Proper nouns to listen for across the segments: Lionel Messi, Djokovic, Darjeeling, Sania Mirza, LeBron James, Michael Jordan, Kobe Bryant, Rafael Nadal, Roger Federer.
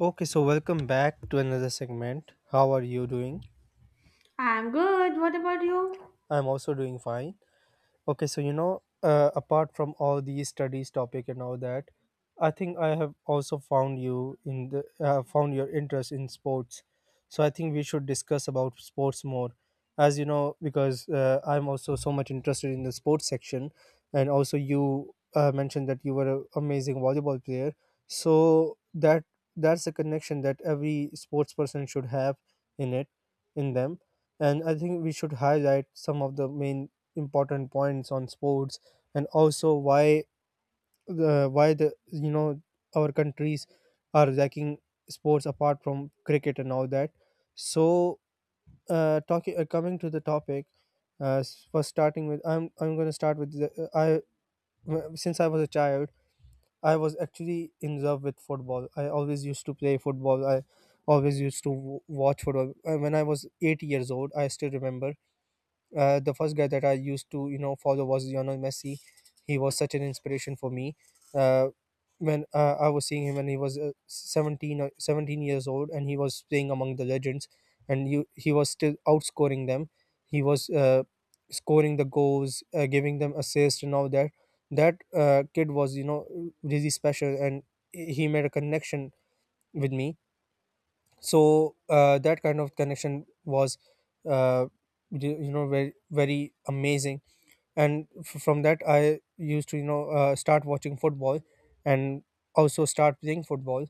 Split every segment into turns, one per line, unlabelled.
Okay, so welcome back to another segment. How are you doing?
I'm good. What about you?
I'm also doing fine. Okay, so apart from all these studies topic and all that, I think I have also found you in the found your interest in sports. So I think we should discuss about sports more, as you know, because I'm also so much interested in the sports section, and also you mentioned that you were an amazing volleyball player. So that's a connection that every sports person should have in it, in them, and I think we should highlight some of the main important points on sports, and also why the our countries are lacking sports apart from cricket and all that. So talking coming to the topic first starting with I'm going to start with the. Since I was a child, I was actually in love with football. I always used to play football. I always used to watch football. When I was 8 years old, I still remember the first guy that I used to follow was Lionel Messi. He was such an inspiration for me. Uh, when I was seeing him, when he was 17 or 17 years old and he was playing among the legends, and he was still outscoring them. He was scoring the goals, giving them assists and all that. That kid was really special, and he made a connection with me. So that kind of connection was uh, very very amazing. And from that, I used to start watching football, and also start playing football,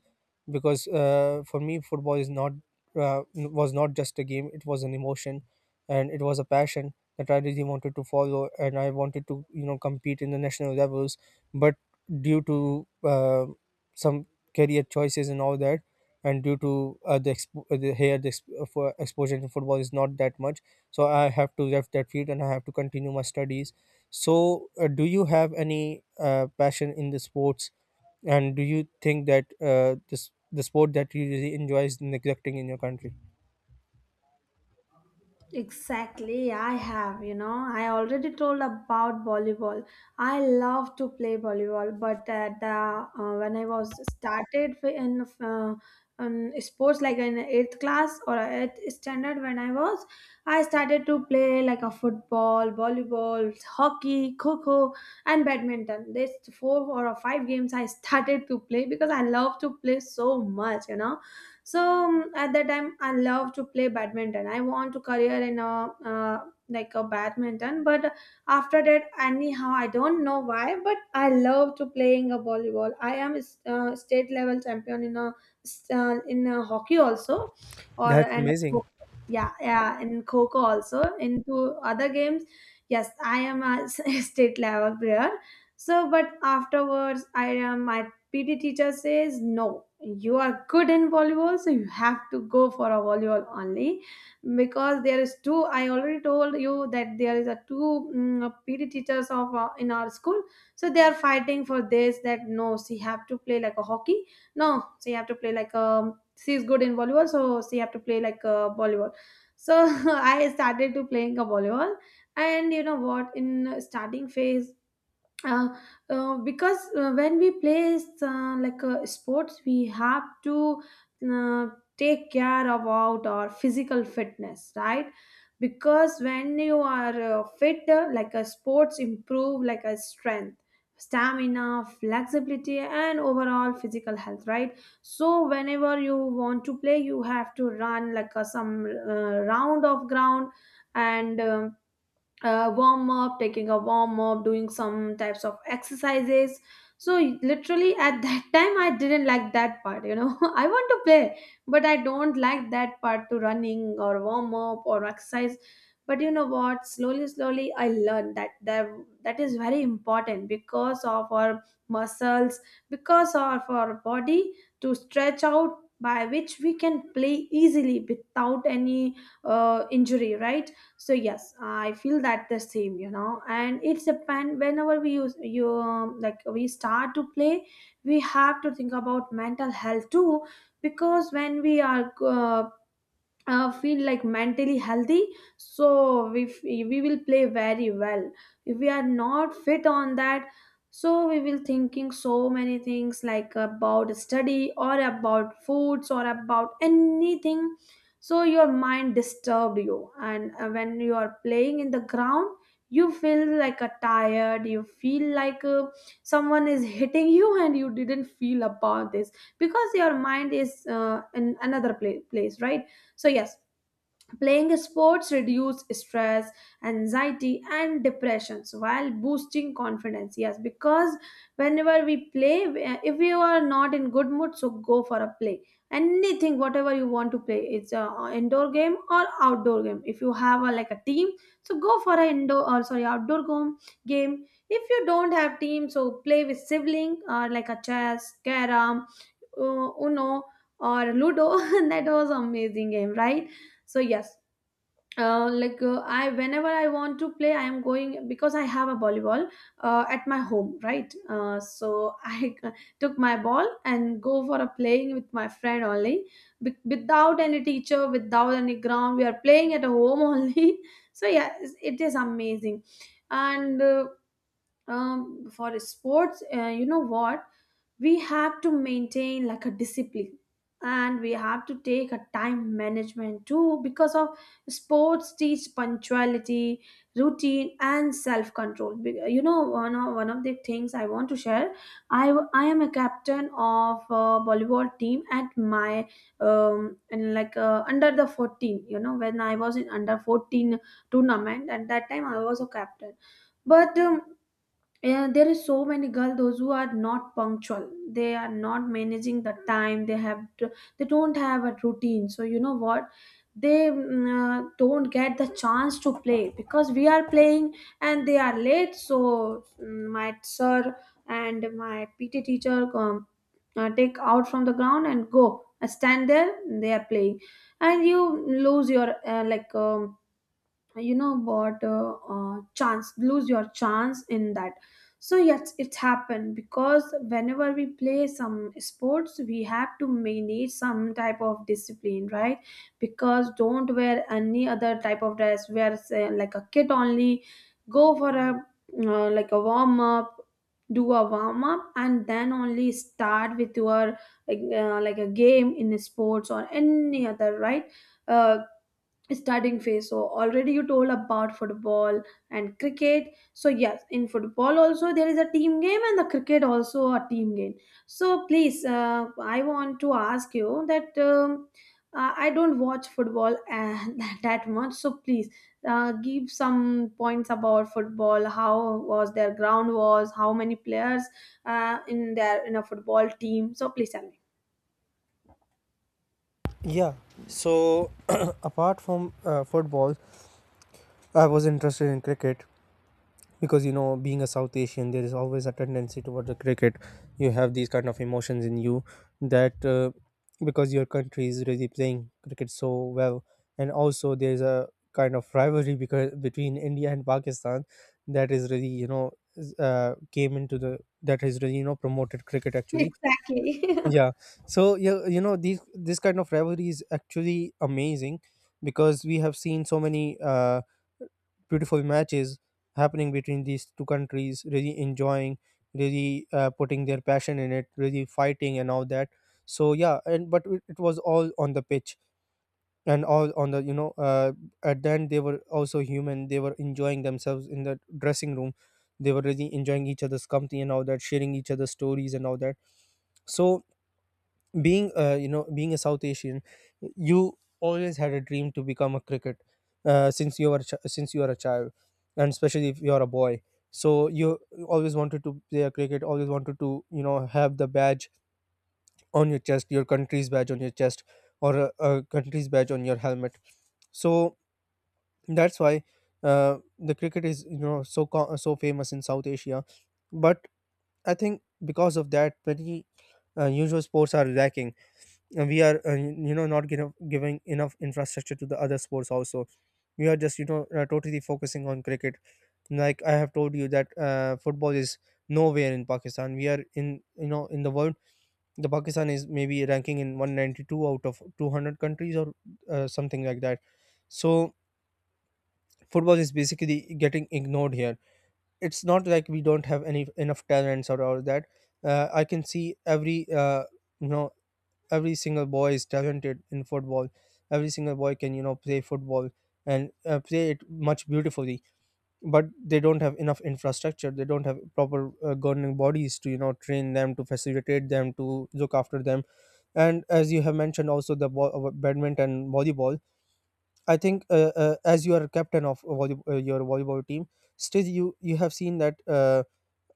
because for me football is not, was not just a game, it was an emotion, and it was a passion that I really wanted to follow, and I wanted to compete in the national levels. But due to some career choices and all that, and due to the exp- for exposure to football is not that much, so I have to left that field and I have to continue my studies. So, do you have any passion in the sports, and do you think that this the sport that you really enjoy is neglecting in your country?
Exactly. I have, you know, I already told about volleyball. I love to play volleyball, but at the when I was started in sports like in eighth class or eighth standard when I was, I started to play like a football, volleyball, hockey, kho and badminton. These four or five games I started to play because I love to play so much, you know. So at that time I love to play badminton, I want to career in a like a badminton. But after that, anyhow, I don't know why, but I love to playing a volleyball. I am a state level champion in a in a hockey also, or
That's
and
amazing.
yeah, yeah, in coco also, into other games. Yes, I am a state level player. So but afterwards, I PT teacher says, no, you are good in volleyball, so you have to go for a volleyball only, because there is two. I already told you that there is a two, PT teachers of in our school, so they are fighting for this. That no, she have to play like a hockey. No, she have to play like a. She is good in volleyball, so she have to play like a volleyball. So I started to playing a volleyball, and you know what? In starting phase, uh, because when we play like sports, we have to uh, take care about our physical fitness, right? Because when you are fit, like a sports improve like a strength, stamina, flexibility, and overall physical health, right? So whenever you want to play, you have to run like a, some round of ground, and warm up, taking a warm up, doing some types of exercises. So literally at that time, I didn't like that part. You know, I want to play, but I don't like that part to running or warm up or exercise. But you know what? Slowly, slowly, I learned that that is very important because of our muscles, because of our body to stretch out, by which we can play easily without any injury, right? So yes, I feel that the same, you know. And it's a pen whenever we use you, like we start to play, we have to think about mental health too. Because when we are feel like mentally healthy, so we we will play very well. If we are not fit on that, so we will thinking so many things like about study or about foods or about anything. So your mind disturbed you, and when you are playing in the ground, you feel like a tired, you feel like someone is hitting you and you didn't feel about this, because your mind is in another place, right? So yes, playing sports reduce stress, anxiety, and depressions while boosting confidence. Yes, because whenever we play, if you are not in good mood, so go for a play. Anything, whatever you want to play, it's a indoor game or outdoor game. If you have a, like a team, so go for a indoor, or sorry, outdoor game. Game. If you don't have team, so play with sibling or like a chess, carom, Uno, or Ludo. That was amazing game, right? So yes, like I, whenever I want to play, I am going because I have a volleyball at my home, right? So I took my ball and go for a playing with my friend only. Without any teacher, without any ground, we are playing at home only. So yeah, it's, it is amazing. And for sports, you know what, we have to maintain like a discipline, and we have to take a time management too, because of sports teach punctuality, routine, and self control. You know, one of the things I want to share, I am a captain of a volleyball team at my um, and like under the 14. You know, when I was in under 14 tournament, at that time I was a captain. But and there is so many girls those who are not punctual. They are not managing the time. They don't have a routine. So you know what? They don't get the chance to play because we are playing and they are late. So my sir and my PT teacher, take out from the ground and go. I stand there. They are playing, and you lose your like. You know what, chance, lose your chance in that. So yes, it's happened, because whenever we play some sports, we have to manage some type of discipline, right? Because don't wear any other type of dress, wear say, like a kit only, go for a like a warm up, do a warm up, and then only start with your like a game in sports or any other, right? uh, Starting phase. So already you told about football and cricket. So yes, in football also there is a team game, and the cricket also a team game. So please, I want to ask you that, I don't watch football that much, so please, give some points about football. How was their ground was, how many players in their, in a football team? So please tell me.
Yeah. So, apart from football, I was interested in cricket, because being a South Asian there is always a tendency towards the cricket. You have these kind of emotions in you that, because your country is really playing cricket so well. And also there's a kind of rivalry because between India and Pakistan, that is really, you know is, came into the that has really promoted cricket actually.
Exactly.
Yeah. So yeah, these this kind of rivalry is actually amazing, because we have seen so many uh, beautiful matches happening between these two countries, really enjoying, really putting their passion in it, really fighting and all that. So yeah, and but it was all on the pitch and all on the, at the end, they were also human. They were enjoying themselves in the dressing room. They were really enjoying each other's company and all that, sharing each other's stories and all that. So being a South Asian, you always had a dream to become a cricket, since you are a child, and especially if you are a boy. So you always wanted to play a cricket, always wanted to have the badge on your chest, your country's badge on your chest, or a country's badge on your helmet. So that's why the cricket is so famous in South Asia. But I think because of that, many usual sports are lacking. We are not giving enough infrastructure to the other sports also. We are just totally focusing on cricket. Like I have told you that football is nowhere in Pakistan. We are in you know in the world, the Pakistan is maybe ranking in 192 out of 200 countries or something like that. So football is basically getting ignored here. It's not like we don't have any enough talents or all that. I can see every uh, you know every single boy is talented in football. Every single boy can play football, and play it much beautifully. But they don't have enough infrastructure, they don't have proper governing bodies to train them, to facilitate them, to look after them. And as you have mentioned also the badminton, volleyball, I think, as you are captain of your volleyball team, still you have seen that,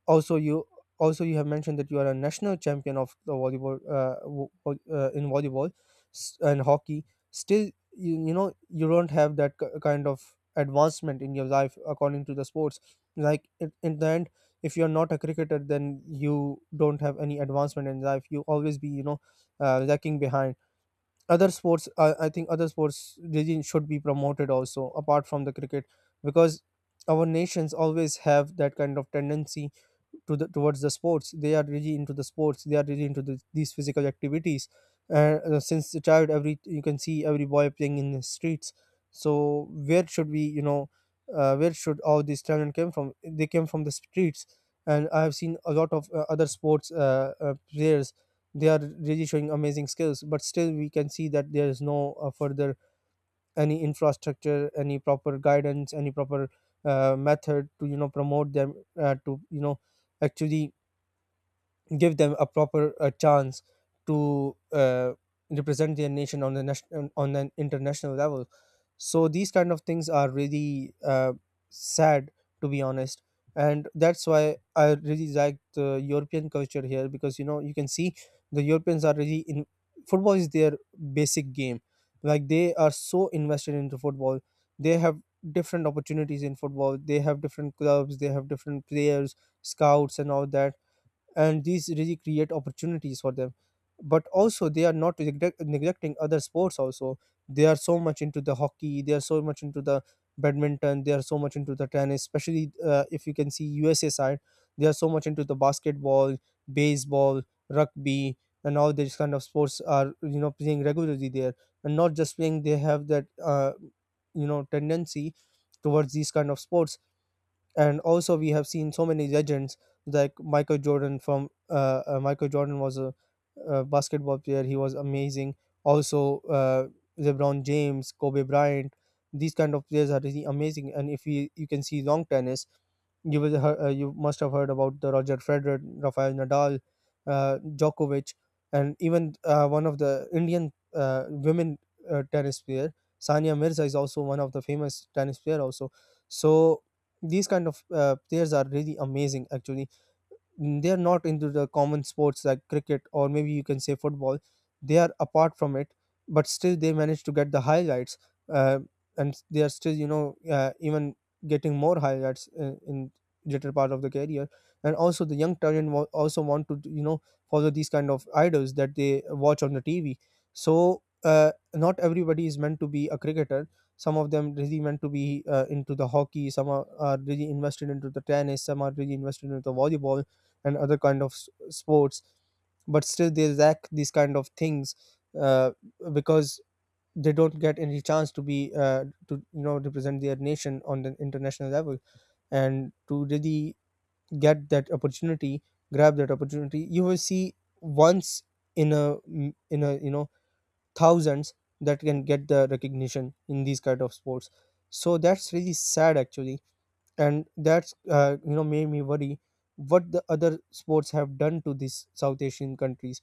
also you also you have mentioned that you are a national champion of the volleyball, in volleyball and hockey. Still you, you know you don't have that kind of advancement in your life according to the sports. Like in the end, if you're not a cricketer then you don't have any advancement in life. You always be lacking behind other sports. I think other sports really should be promoted also apart from the cricket. Because our nations always have that kind of tendency to the towards the sports. They are really into the sports. They are really into these physical activities. And since the child, every you can see every boy playing in the streets. So where should we you know where should all these talent came from? They came from the streets. And I have seen a lot of other sports players. They are really showing amazing skills, but still we can see that there is no further any infrastructure, any proper guidance, any proper method to promote them, to actually give them a proper chance to represent their nation on the national, on an international level. So these kind of things are really sad, to be honest. And that's why I really like the European culture here, because you can see the Europeans are really in. Football is their basic game. Like, they are so invested into football. They have different opportunities in football, they have different clubs, they have different players, scouts and all that. And these really create opportunities for them. But also they are not neglecting other sports also. They are so much into the hockey, they are so much into the badminton, they are so much into the tennis, especially if you can see USA side. They are so much into the basketball, baseball, rugby, and all these kind of sports are playing regularly there. And not just playing, they have that tendency towards these kind of sports. And also we have seen so many legends like Michael Jordan was a basketball player. He was amazing. Also, LeBron James, Kobe Bryant, these kind of players are really amazing. And if you can see long tennis, you must have heard about the Roger Federer, Rafael Nadal, Djokovic. And even one of the Indian women tennis player Sania Mirza is also one of the famous tennis player also. So these kind of players are really amazing actually. They are not into the common sports like cricket, or maybe you can say football. They are apart from it, but still they manage to get the highlights, uh, and they are still even getting more highlights in later part of the career. And also the young talent also want to follow these kind of idols that they watch on the TV. So not everybody is meant to be a cricketer. Some of them really meant to be into the hockey, some are really invested into the tennis, some are really invested into the volleyball, and other kind of sports. But still they lack these kind of things, uh, because they don't get any chance to be, to you know represent their nation on the international level. And to really get that opportunity, grab that opportunity, you will see once in a in a thousands that can get the recognition in these kind of sports. So that's really sad actually. And that's, made me worry what the other sports have done to these South Asian countries.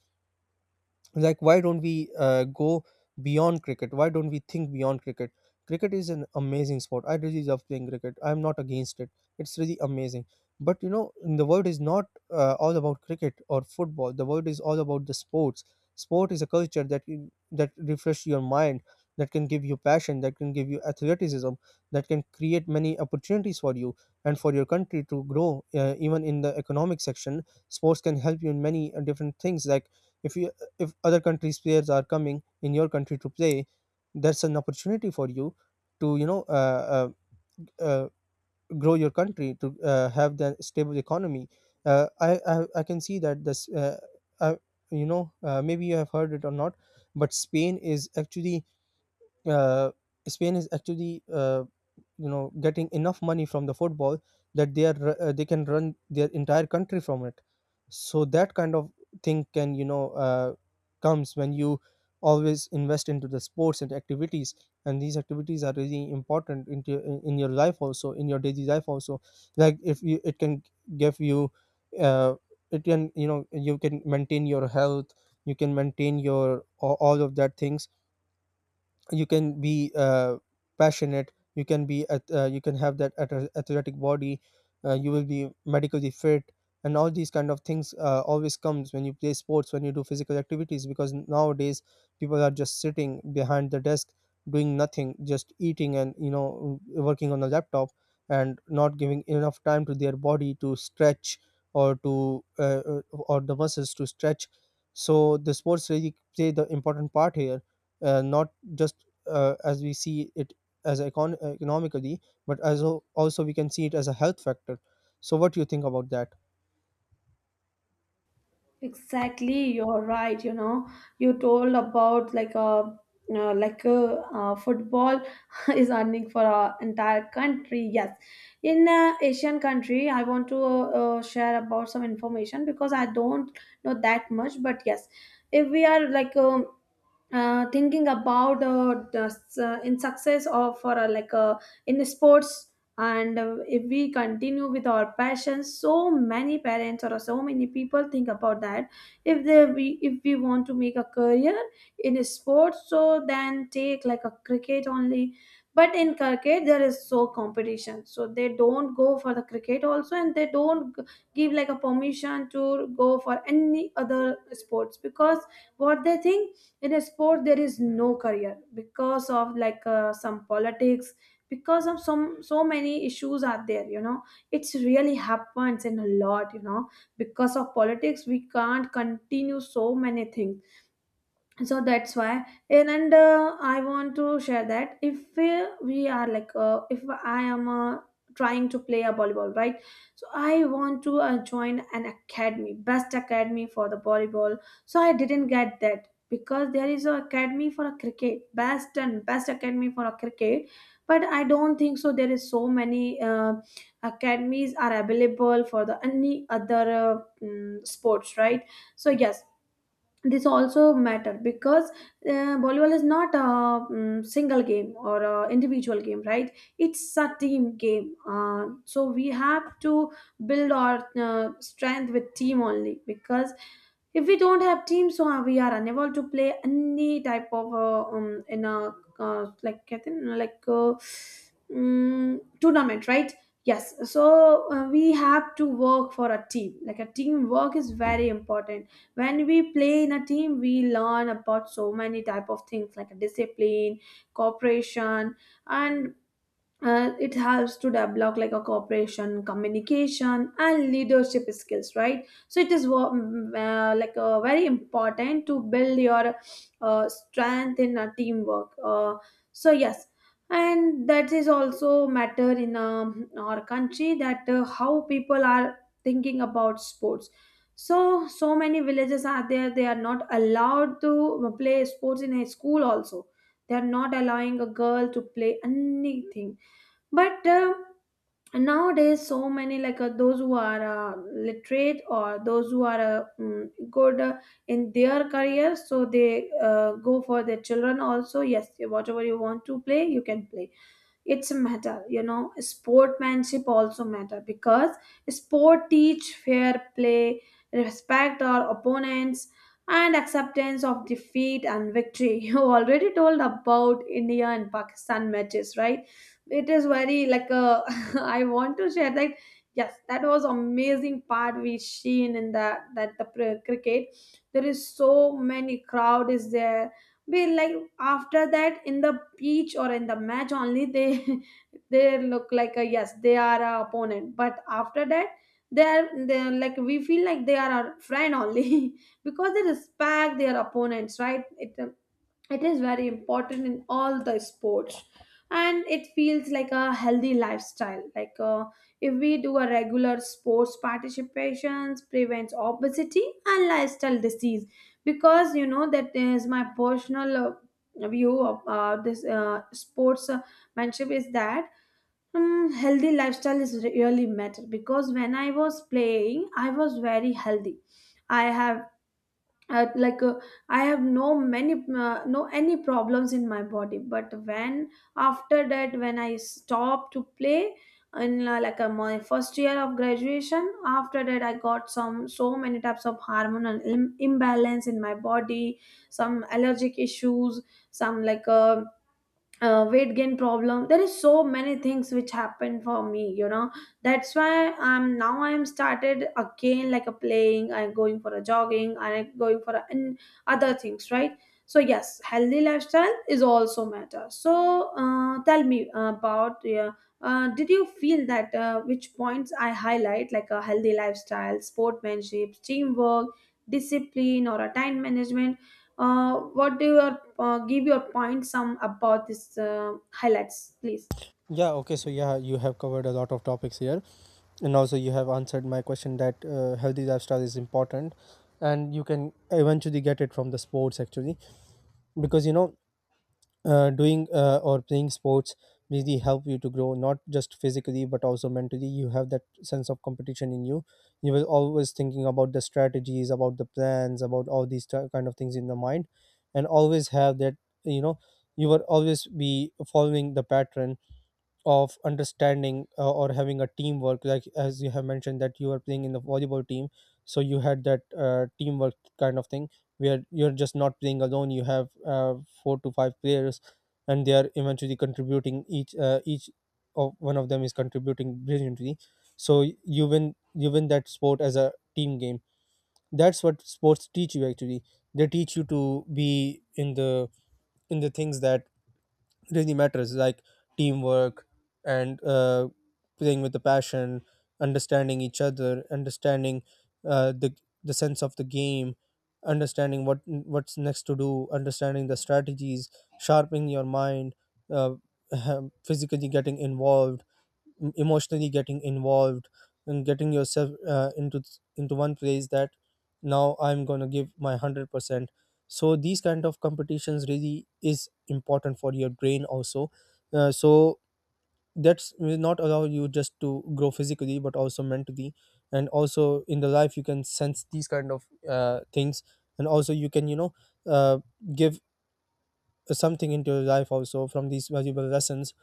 Like, why don't we go beyond cricket, why Don't we think beyond cricket? Cricket is an amazing sport. I really love playing cricket. I'm not against it. It's really amazing, but you know, the world is not all about cricket or football. The world is all about the sports. Sport is a culture that refresh your mind, that can give you passion, that can give you athleticism, that can create many opportunities for you and for your country to grow, even in the economic section. Sports can help you in many different things. Like if you, if other countries players are coming in your country to play, that's an opportunity for you to uh, grow your country, to have the stable economy. I, I can see that this, I, you know maybe you have heard it or not, but Spain is actually, uh, Spain is actually, you know, getting enough money from the football that they are, they can run their entire country from it. So that kind of thing can, comes when you always invest into the sports and activities. And these activities are really important into, in your life also, in your daily life also. Like if you, it can give you, uh, it can, you know, you can maintain your health, you can maintain your a- all of that things. You can be passionate, you can be ath- you can have that ath- athletic body. You will be medically fit, and all these kind of things always comes when you play sports, when you do physical activities, because nowadays people are just sitting behind the desk doing nothing, just eating and, you know, working on a laptop and not giving enough time to their body to stretch or to or the muscles to stretch. So the sports really play the important part here, not just as we see it as econ- economically, but as al- also we can see it as a health factor. So, what do you think about that?
Exactly, you're right. You know, you told about like a, you like a, football is earning for our entire country. Yes, in Asian country, I want to share about some information because I don't know that much. But yes, if we are like thinking about the in success or for like in sports, and if we continue with our passions, so many parents or so many people think about that, if they we if we want to make a career in a sport, so then take like a cricket only. But in cricket there is so competition, so they don't go for the cricket also, and they don't give like a permission to go for any other sports, because what they think, in a sport there is no career because of like some politics, because of some, so many issues are there, you know. It's really happens in a lot, you know, because of politics we can't continue so many things. So that's why. And I want to share that, if we, we are like if I am trying to play a volleyball, right? So I want to join an academy, best academy for the volleyball. So I didn't get that, because there is a academy for a cricket, best and best academy for a cricket. But I don't think so there is so many academies are available for the any other sports, right? So yes, this also matter, because volleyball is not a single game or a individual game, right? It's a team game. So we have to build our strength with team only, because if we don't have teams, so we are unable to play any type of in a like I think, like tournament, right? Yes, so we have to work for a team, like a team work is very important. When we play in a team, we learn about so many type of things like discipline, cooperation, and and it helps to develop like a cooperation, communication, and leadership skills, right? So it is like very important to build your strength in a teamwork. So yes, and that is also matter in our country, that how people are thinking about sports. So so many villages are there, they are not allowed to play sports in a school also, they are not allowing a girl to play anything. But nowadays, so many like those who are literate or those who are good in their career, so they go for their children also, yes, whatever you want to play you can play. It's matter, you know. Sportmanship also matter, because sport teach fair play, respect our opponents, and acceptance of defeat and victory. You already told about India and Pakistan matches, right? It is very like a I want to share that. Yes, that was amazing part we seen in that, that the cricket, there is so many crowd is there. Be like after that, in the pitch or in the match only, they they look like a, yes they are a opponent, But after that, they are like we feel like they are our friend only because they respect their opponents, right? It is very important in all the sports. And it feels like a healthy lifestyle, like if we do a regular sports participations prevents obesity and lifestyle disease. Because you know that is my personal view of this sports mentorship is that healthy lifestyle is really matter, because when I was playing I was very healthy. I have uh, like uh, I have no many no any problems in my body, but when, after that when I stopped to play in my first year of graduation, after that I got some so many types of hormonal imbalance in my body, some allergic issues, some weight gain problem. There is so many things which happened for me, you know. That's why I'm now I'm started again like a playing. I'm going for a jogging and I'm going for a, and other things, right? So yes, healthy lifestyle is also matter. So tell me about, yeah, did you feel that which points I highlight, like a healthy lifestyle, sportsmanship, teamwork, discipline, or a time management? What do you give your point some about this highlights, please?
Yeah, okay, so yeah, you have covered a lot of topics here, and also you have answered my question that healthy lifestyle is important, and you can eventually get it from the sports actually. Because, you know, doing or playing sports really help you to grow, not just physically but also mentally. You have that sense of competition in you. You were always thinking about the strategies, about the plans, about all these ti- kind of things in the mind, and always have that, you know, you will always be following the pattern of understanding, or having a teamwork. Like as you have mentioned that you are playing in the volleyball team, so you had that teamwork kind of thing, where you're just not playing alone. You have four to five players, and they are eventually contributing, each of one of them is contributing brilliantly. So you win, you win that sport as a team game. That's what sports teach you actually. They teach you to be in the, in the things that, it really matters, like teamwork and playing with the passion, understanding each other, understanding uh, the the sense of the game, understanding what what's next to do, understanding the strategies, sharpening your mind, uh, physically getting involved, em- emotionally getting involved, and getting yourself into one place that now I'm going to give my 100%. So these kind of competitions really is important for your brain also. So that's will not allow you just to grow physically but also mentally. And also in the life you can sense these kind of things. And also you can, you know, uh, give something into your life also from these valuable lessons.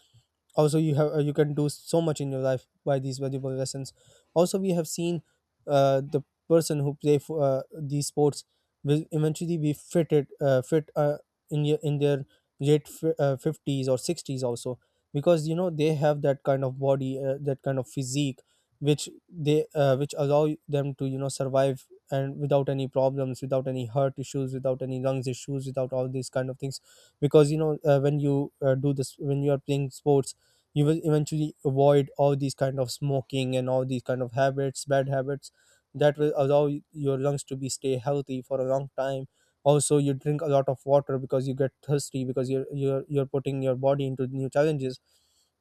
Also you have you can do so much in your life by these valuable lessons. Also we have seen the person who play for these sports will eventually be fitted, fit, in your, in their late fi- 50s or 60s also, because you know they have that kind of body, that kind of physique which they which allow them to, you know, survive and without any problems, without any heart issues, without any lungs issues, without all these kind of things. Because you know, when you do this, when you are playing sports, you will eventually avoid all these kind of smoking and all these kind of habits, bad habits, that will allow y- your lungs to be stay healthy for a long time. Also you drink a lot of water because you get thirsty, because you're putting your body into new challenges.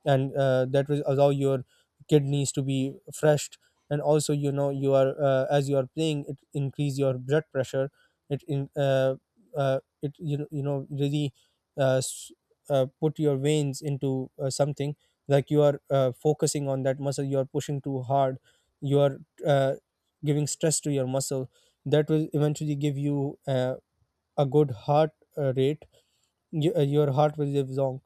And that will allow your kidneys to be freshed. And also, you know, you are, as you are playing, it increase your blood pressure. It in uh, uh, it you know, you know, really, uh, s- put your veins into something. Like you are focusing on that muscle, you are pushing too hard, you are uh, giving stress to your muscle. That will eventually give you a good heart rate. Your heart will live long.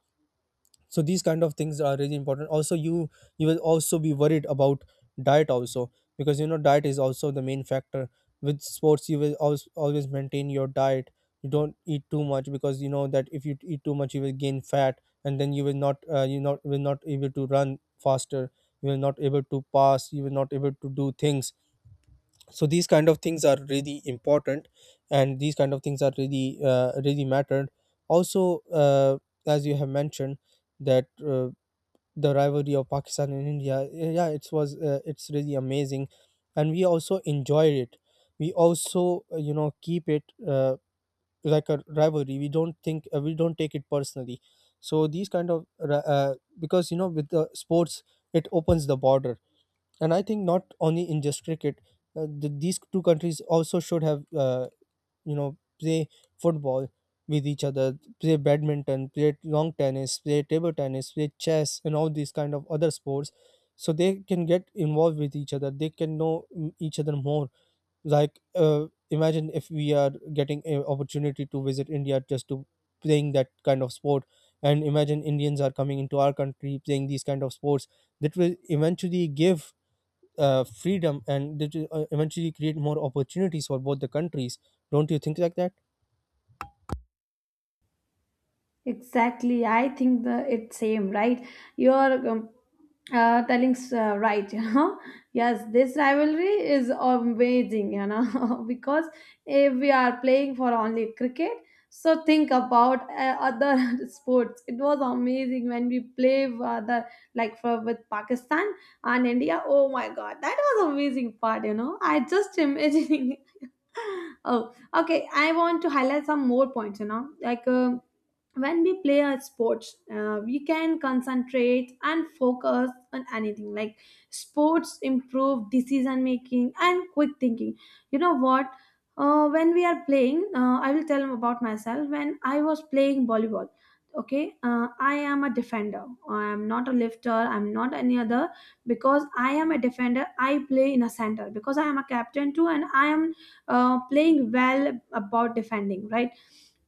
So these kind of things are really important. Also you will also be worried about diet also, because you know, diet is also the main factor. With sports, you will always, always maintain your diet. You don't eat too much, because you know that if you eat too much you will gain fat, and then you will not, you not will not able to run faster, you will not able to pass, you will not able to do things. So these kind of things are really important. And these kind of things are really really mattered. Also, as you have mentioned that the rivalry of Pakistan and India. Eh, yeah, it was it's really amazing, and we also enjoy it. We also, you know, keep it like a rivalry. We don't think, we don't take it personally. So these kind of ra- because you know, with the sports, it opens the border, and I think not only in just cricket. These two countries also should have, you know, play football with each other, play badminton, play long tennis, play table tennis, play chess and all these kind of other sports, so they can get involved with each other, they can know, mm, each other more. Like, imagine if we are getting an opportunity to visit India, just to playing that kind of sport. And imagine Indians are coming into our country playing these kind of sports. That will eventually give freedom, and that will eventually create more opportunities for both the countries. Don't you think like that?
Exactly, I think the it's same, right? You're telling right, you know. Yes, this rivalry is amazing, you know, because if we are playing for only cricket, so think about other sports. It was amazing when we play with other, like for with Pakistan and India. Oh my God, that was amazing part, you know. I just imagining, oh, okay, I want to highlight some more points, you know, like when we play a sports, we can concentrate and focus on anything, like sports improve decision making and quick thinking. You know what, when we are playing, I will tell about myself. When I was playing volleyball, okay, I am a defender. I am not a lifter, I'm not any other. Because I am a defender, I play in a center, because I am a captain too, and I am playing well about defending, right?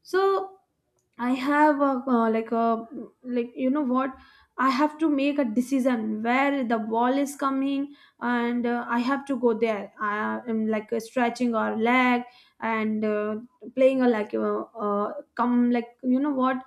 So I have a like a like you know what I have to make a decision where the ball is coming, and I have to go there. I am like stretching our leg, and playing a like come like you know what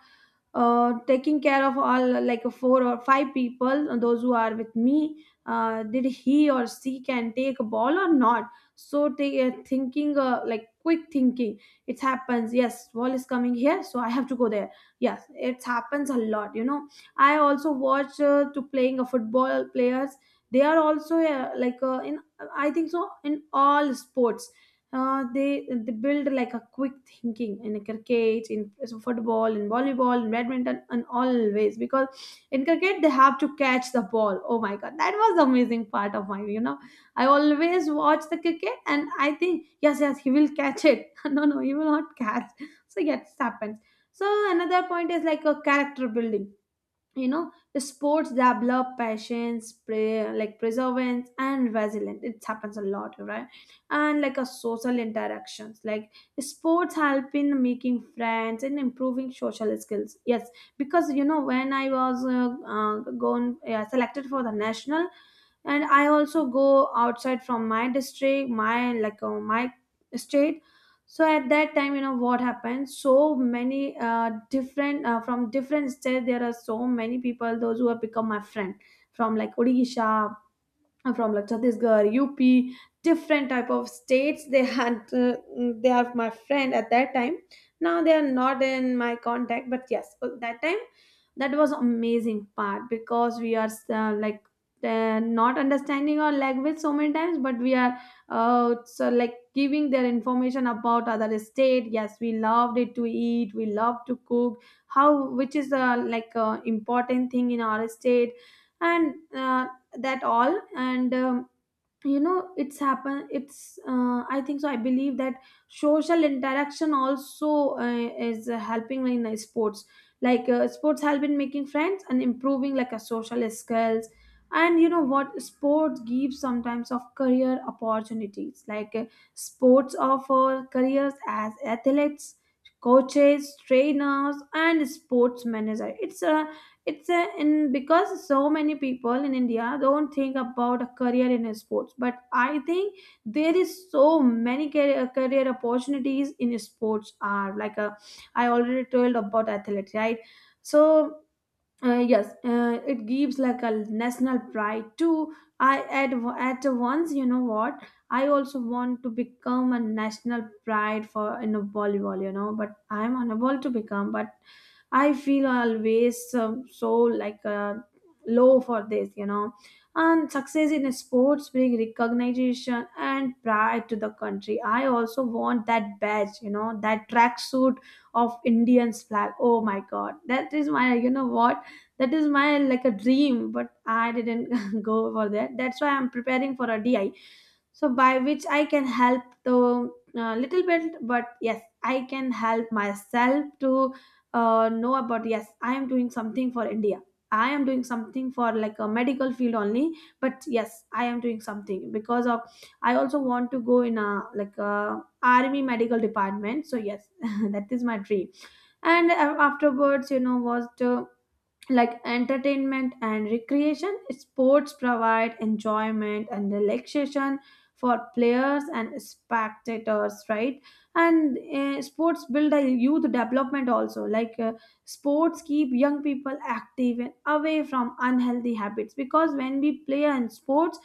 taking care of all like four or five people, those who are with me. Did he or she can take a ball or not? So they are thinking, like quick thinking. It happens. Yes, wall is coming here, so I have to go there. Yes, it happens a lot, you know. I also watch to playing a football players. They are also in, I think so, in all sports, they build like a quick thinking in cricket, in, so football, in volleyball, in badminton, and always, because in cricket they have to catch the ball. Oh my God, that was the amazing part of mine, you know. I always watch the cricket and I think, yes, yes, he will catch it. No, no, you will not catch. So yes, happens. So another point is like a character building, you know. The sports develop patience, like perseverance and resilience. It happens a lot, right? And like a social interactions, like sports help in making friends and improving social skills. Yes, because you know when I was gone, yeah, selected for the national, and I also go outside from my district, my my state, so at that time, you know what happened, so many different from different states, there are so many people those who have become my friend. From like Odisha, I'm from, like Chhattisgarh, UP, different type of states. They had they are my friend at that time. Now they are not in my contact, but yes, at that time that was amazing part, because we are not understanding our language so many times, but we are so like giving their information about other state. Yes, we loved it to eat. We love to cook. How, which is important thing in our state. And. That all. And you know, it's happen. It's I think so, I believe that social interaction also is helping in sports. Like sports help in making friends and improving like a social skills. And you know what, sports gives sometimes of career opportunities, like sports offer careers as athletes, coaches, trainers, and sports manager. It's a, in because so many people in India don't think about a career in sports, but I think there is so many career opportunities in sports are like a, I already told about athletics, right? So yes, it gives like a national pride too. i at, at once, you know what, I also want to become a national pride for in a volleyball, you know, but I'm unable to become. But I feel always so like low for this, you know. And success in sports bring recognition and pride to the country. I also want that badge, you know, that tracksuit of Indian's flag. Oh my God, that is my, you know what, that is my like a dream, but I didn't go for that. That's why I'm preparing for a di, so by which I can help the little bit. But yes, I can help myself to know about, yes, I am doing something for India. I am doing something for like a medical field only, but yes, I am doing something, because of I also want to go in a like a army medical department. So yes, that is my dream. And afterwards, you know, was to like entertainment and recreation. Sports provide enjoyment and relaxation for players and spectators, right? And sports build a youth development also, like sports keep young people active and away from unhealthy habits, because when we play in sports,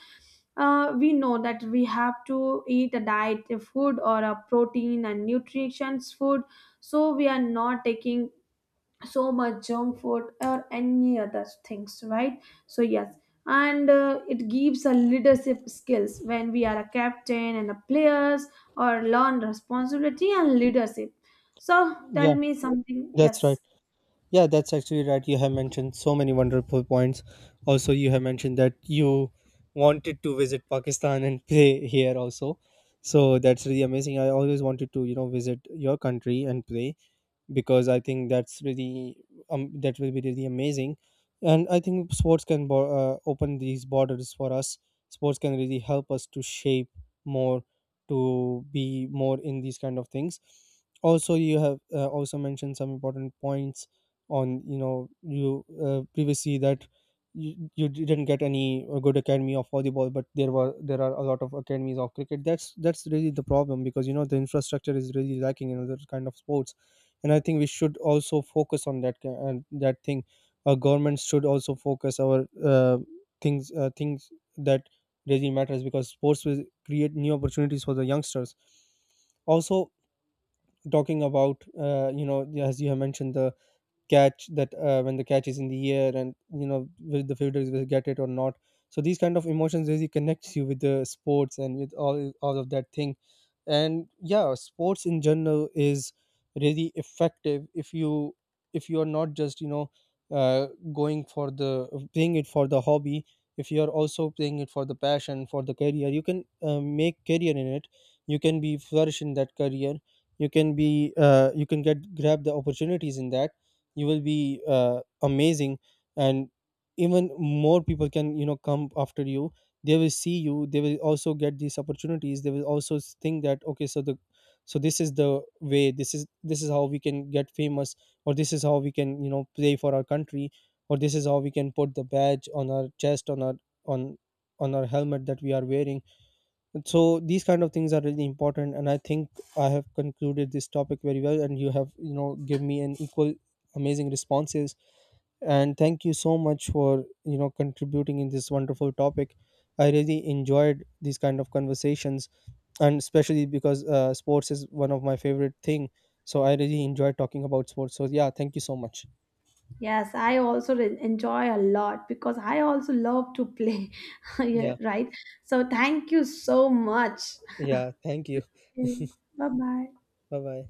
we know that we have to eat a diet, a food, or a protein and nutrition food. So we are not taking so much junk food or any other things, right? So yes. And it gives a leadership skills when we are a captain and a players, or learn responsibility and leadership. So tell
Yeah,
me something.
that's right.
Yes,
Yeah, that's actually right. You have mentioned so many wonderful points. Also, you have mentioned that you wanted to visit Pakistan and play here also. So that's really amazing. I always wanted to, you know, visit your country and play, because I think that's really, that will be really amazing. And I think sports can bo- open these borders for us. Sports can really help us to shape more, to be more in these kind of things. Also, you have also mentioned some important points on, you know, you previously, that you didn't get any good academy of volleyball, but there are a lot of academies of cricket. That's really the problem, because you know the infrastructure is really lacking in other kind of sports. And I think we should also focus on that ki- and that thing, our government should also focus our uh, things that really matters, because sports will create new opportunities for the youngsters. Also, talking about, you know, as you have mentioned the catch, that when the catch is in the air and you know will the fielders will get it or not. So these kind of emotions really connects you with the sports and with all of that thing. And yeah, sports in general is really effective if you, if you are not just, you know, uh, going for the playing it for the hobby. If you are also playing it for the passion, for the career, you can make career in it, you can be flourish in that career, you can be you can get grab the opportunities in that, you will be amazing. And even more people can, you know, come after you. They will see you, they will also get these opportunities, they will also s- think that okay, so the, so this is the way, this is how we can get famous, or this is how we can, you know, play for our country, or this is how we can put the badge on our chest, on our, on on our helmet that we are wearing. So these kind of things are really important. And I think I have concluded this topic very well, and you have, you know, give me an equal amazing responses. And thank you so much for, you know, contributing in this wonderful topic. I really enjoyed these kind of conversations. And especially because sports is one of my favorite thing, so I really enjoy talking about sports. So yeah, thank you so much.
yes, I also enjoy a lot, because I also love to play. Yeah,
Yeah.
right. So thank you so much.
Yeah, thank you.
Bye bye.
Bye bye.